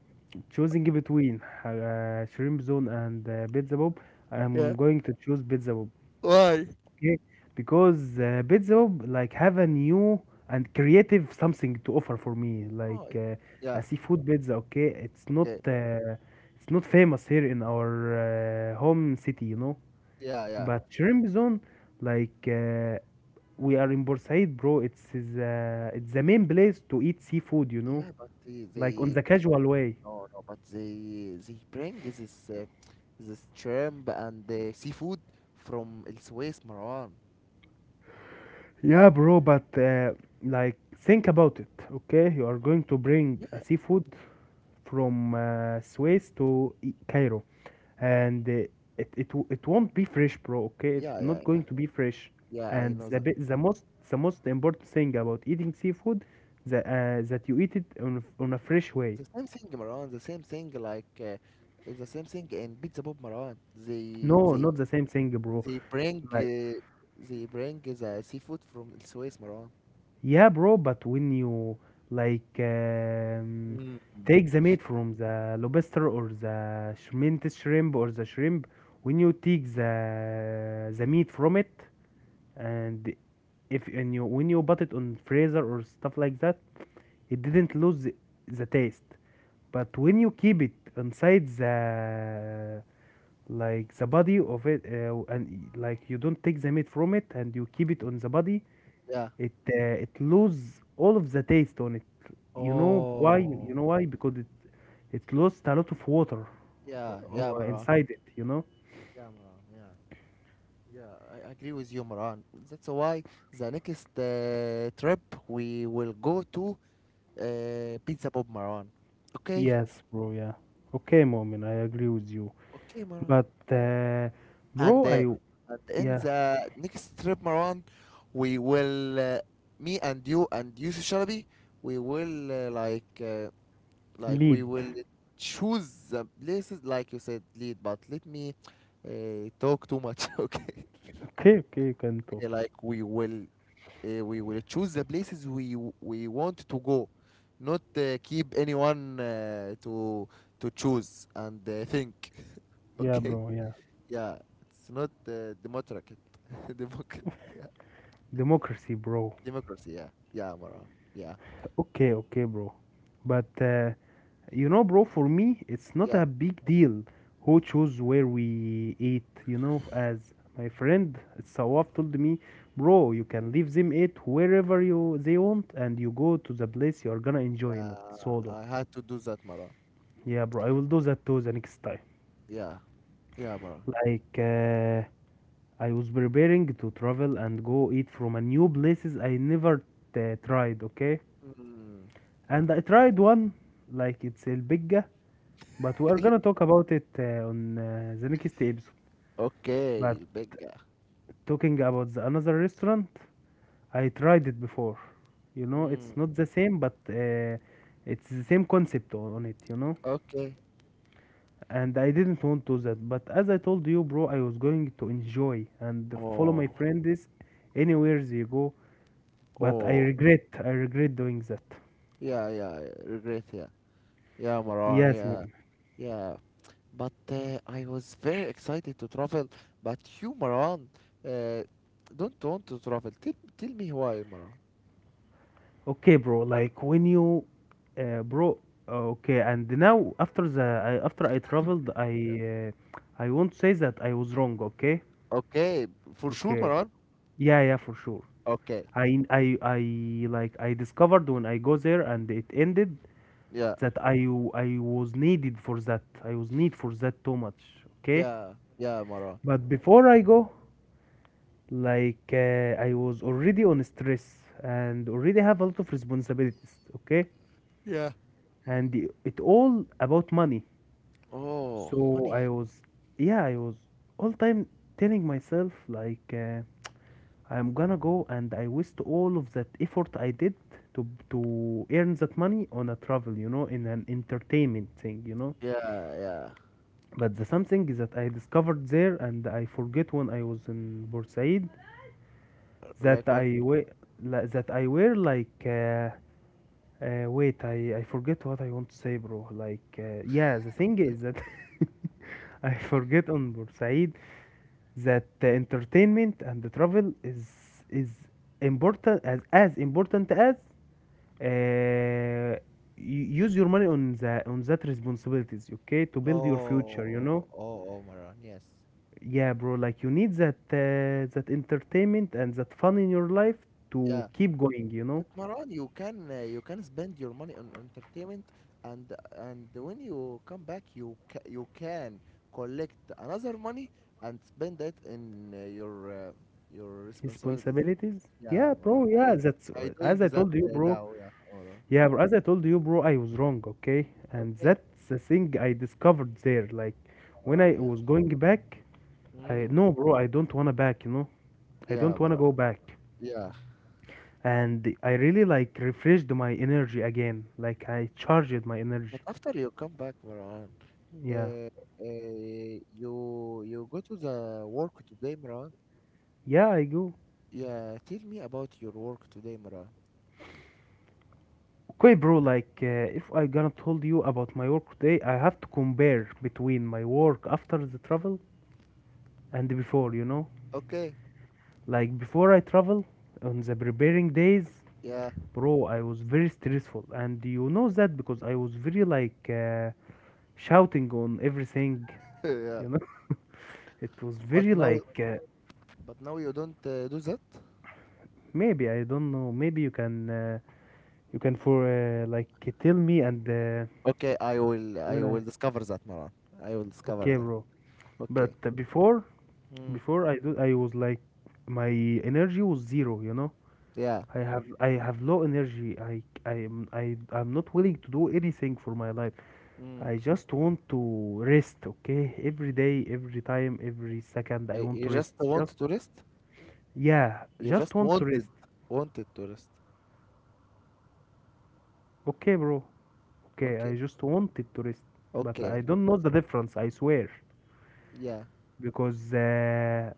Choosing between shrimp zone and Pizza Bob, I'm
yeah.
going to choose Pizza Bob.
Why?
Okay, because Bitzo like have a new and creative something to offer for me,
Oh,
like a
yeah.
seafood pizza. Okay,
Okay.
it's not famous here in our home city, you know.
Yeah, yeah,
But shrimp zone, like we are in Bursaid, bro. It's the main place to eat seafood, you know,
yeah, but they
like on
they
the casual way.
no, no, but they bring this uh, this shrimp and seafood from El Suez, Marwan.
Yeah, bro, but like think about it, okay? You are going to bring a
Yeah,
seafood from Suez to Cairo, and it won't be fresh, bro. Okay, it's
yeah, yeah,
not
yeah,
going to be fresh.
yeah. I
And
know that.
the most important thing about eating seafood, that you eat it on a fresh way.
The same thing, Marwan. The same thing, it's the same thing in Pizza Bob, Marwan. They
No,
they
not the same thing, bro.
they bring
Like,
uh, they bring the seafood from El Suez, Marwan.
yeah, bro, but when you like
Mm.
take the meat from the lobster or the mint shrimp or the shrimp, when you take the meat from it and if and you when you put it on freezer or stuff like that, it didn't lose the taste. But when you keep it inside the like the body of it and like you don't take the meat from it and you keep it on the body,
Yeah.
it it lose all of the taste on it. You
Oh.
know why? Because it lost a lot of water
Yeah, yeah, Marwan.
inside it, you know?
Yeah, Marwan. Yeah. Yeah, I agree with you, Maran. That's why the next trip we will go to Pizza Bob, Maran. Okay,
Yes, bro, yeah. Okay, moment, I agree with you,
okay, Maran.
but
And
bro
uh,
i
and in
yeah
the next trip, Maran, we will me and you, Shalabi, we will like
lead.
we will choose the places like you said, lead. But let me talk too much, okay?
Okay, okay, you can talk.
Okay, like we will choose the places we want to go, not keep anyone to choose and think.
Yeah,
Okay,
bro, yeah.
yeah, it's not democratic. democ-
Democracy, bro.
democracy, yeah, yeah, Maran, yeah.
Okay, okay, bro, but you know, bro, for me, it's not
Yeah,
a big deal who choose where we eat. You know, as my friend Sawaf told me, bro, you can leave them eat wherever you they want, and you go to the place you are gonna enjoy in it
yeah,
solo.
I had to do that, Maran.
Yeah, bro, I will do that too the next time.
Yeah, yeah, Maran.
Like, I was preparing to travel and go eat from a new places I never tried. Okay.
Mm.
And I tried one, like it's البجة, but we are gonna talk about it on the next episode. But
Okay, Becca.
talking about the another restaurant, I tried it before. You know, it's
Mm.
not the same, but it's the same concept on it, you know?
Okay.
And I didn't want to that, but as I told you, bro, I was going to enjoy and follow my
Oh,
friends anywhere they go, but
oh,
I regret doing that.
yeah, yeah, regret, yeah. Yeah, Maran,
Yes,
yeah.
mom.
Yeah. But I was very excited to travel. But you, Maran, uh, don't want to travel. Tell, tell me why, Maran.
Okay, bro, like when you bro, okay, and now after after I traveled, I won't say that I was wrong. Okay.
Okay, for sure,
Okay,
Maran.
yeah, yeah, for sure.
Okay,
I i i like I discovered when I go there and it ended
yeah,
that I was need for that too much. Okay.
yeah, yeah, Maran.
But before I go, like I was already on stress and already have a lot of responsibilities. Okay.
Yeah.
And it all about money.
Oh,
So
money.
I was, yeah, I was all time telling myself like I'm gonna go and I waste all of that effort I did to earn that money on a travel, you know, in an entertainment thing, you know.
Yeah, yeah.
But the something is that I discovered there and I forget when I was in Bursaid
Like
that
what?
I wear that I wear like. Uh, wait, I forget what I want to say, bro. Like, yeah, the thing is that I forget on Bursaid that the entertainment and the travel is important as important as uh, use your money on the on that responsibilities, okay, to build your future, you know.
Oh, oh, oh, Maran. Yes.
Yeah, bro. Like you need that that entertainment and that fun in your life to
Yeah.
keep going, you know.
But Maran, you can spend your money on entertainment, and and when you come back, you can collect another money and spend it in your responsibilities.
Responsibilities?
Yeah,
Yeah,
Maran,
bro. Yeah,
I
that's
I doing
as I
that
told you, bro.
now. Yeah, Maran.
Yeah, bro, as I told you, bro, I was wrong, okay? And
Okay,
that's the thing I discovered there. Like, when I
Maran. Yeah.
was going back, I
Mm,
no, bro, I don't wanna back, you know? I
yeah,
don't wanna
Maran.
go back.
Yeah.
And I really like refreshed my energy again. Like, I charged my energy.
But after you come back, Maran, uh,
Yeah.
uh, you you go to the work today, Maran.
Yeah, I go.
Yeah, tell me about your work today, Maran.
Okay, bro, like, if I gonna told you about my work today, I have to compare between my work after the travel and before, you know?
Okay.
Like before I travel on the preparing days,
Yeah,
bro, I was very stressful, and you know that because I was very like shouting on everything.
yeah.
You know, it was very
But now,
like
but now you don't do that.
maybe I don't know. Maybe you can for like tell me and
Okay, I
when
will
I
discover that, Maran. I will discover
okay,
that.
bro. But
Okay.
before
Mm.
before I do, I was like my energy was zero. You know,
Yeah.
I have low energy. I am I I'm not willing to do anything for my life.
Mm.
I just want to rest, okay? Every day, every time, every second, I
I,
want
you
to
just
rest.
want
Just,
to rest.
yeah,
You
just
just
want to
wanted,
rest.
wanted to rest.
Okay, bro. Okay, I
Okay.
just wanted to rest. But I
Okay.
don't know the difference, I swear.
Yeah.
Because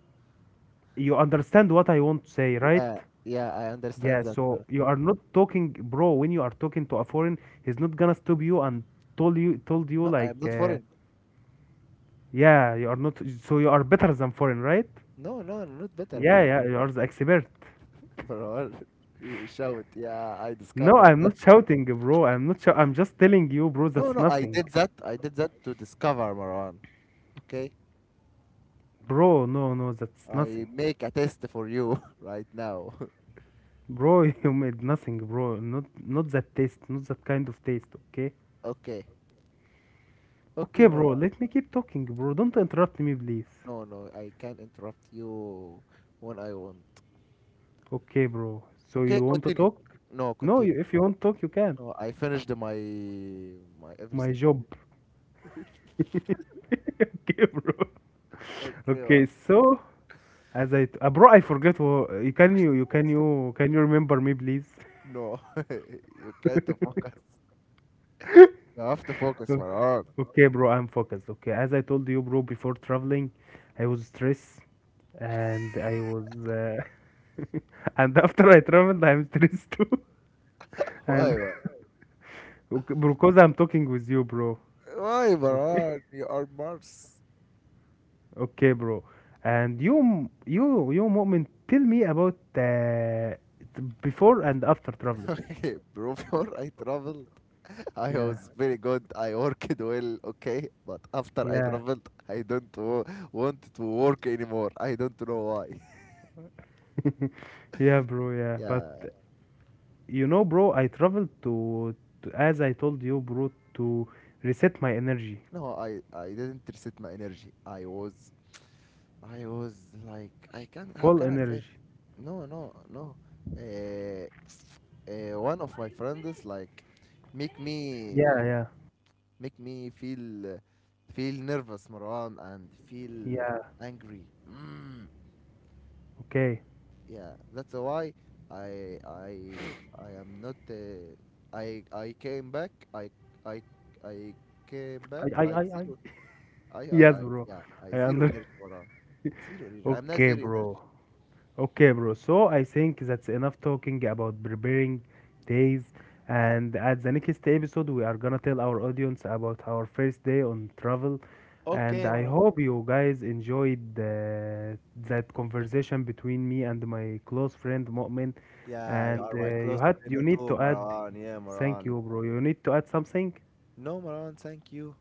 you understand what I want to say, right?
Yeah. Yeah. I
Yeah,
understand that,
so
Maran.
you are not talking, bro, when you are talking to a foreign, he's not gonna stop you and told you
No, I am
like,
not foreign.
yeah, you are not, so you are better than foreign, right?
No, no, not better, but
Yeah, yeah, you are the expert.
Maran, you shout. Yeah, I
No,
discovered
I'm
that.
not shouting, bro. I'm not. I'm just telling you, bro.
No,
That's
no, I
nothing,
did that. I did that to discover, Maran. Okay.
bro. No, no, that's
I
nothing,
make a test for you right now.
bro. You made nothing, bro. Not that taste, not that kind of taste. Okay,
Okay. Okay,
okay, bro.
Marwan.
Let me keep talking, bro. Don't interrupt me, please.
No, no, I can't interrupt you when I want.
Okay, bro. So
Okay,
you want to
continue.
talk?
No,
No,
continue.
you, if you want to talk, you can.
No, I finished my my
My
everything.
job. Okay, bro.
Okay, Marwan.
Okay, so as I, bro, I forget. You can you can you remember me, please?
No, you can't focus. You have to focus, Marwan.
Okay, bro, I'm focused. Okay, as I told you, bro, before traveling, I was stressed and I was, and after I traveled, I'm stressed too.
Why,
And
Marwan?
okay, because I'm talking with you, bro.
Why,
Okay,
Marwan? You are Mars.
okay, bro. And moment, tell me about before and after traveling.
Okay, before I travel, I
Yeah,
was very good. I worked well, okay, but after I
yeah,
traveled, I don't want to work anymore. I don't know why.
yeah, bro. Yeah, but
Yeah,
you know, bro, I traveled to as I told you, bro, to reset my energy,
no, I didn't reset my energy. I was like I can how
full
can I say it?
energy.
No, no, no. Uh, one of my friends like make me
Yeah, yeah,
make me feel feel nervous, Marwan, and feel
yeah.
angry. Mm.
Okay.
Yeah, that's why i i i am not i came back i i came back like
I.
zero i
Yes,
i i
bro.
yeah I
I
zero
under.
energy, Mara. Zero energy. I'm not
Okay,
zero
bro.
energy.
Okay, bro. So I think that's enough talking about preparing days. And at the next episode, we are gonna tell our audience about our first day on travel. And
Okay,
I
Maran.
hope you guys enjoyed that conversation between me and my close friend Mu'min.
Yeah, you
And
are my close friend
you need
too,
to add,
Maran. Yeah,
thank
Maran.
you, bro. You need to add something.
No, Maran, thank you.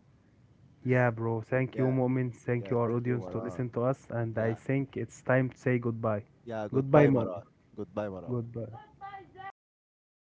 Yeah, bro. Thank you,
Yeah,
Mu'min. Thank
yeah,
you, our
thank you,
audience, to
Maran.
listen to us. And
Yeah,
I think it's time to say goodbye.
yeah,
Goodbye,
goodbye,
Mu'min.
Maran. Goodbye, Maran.
Goodbye.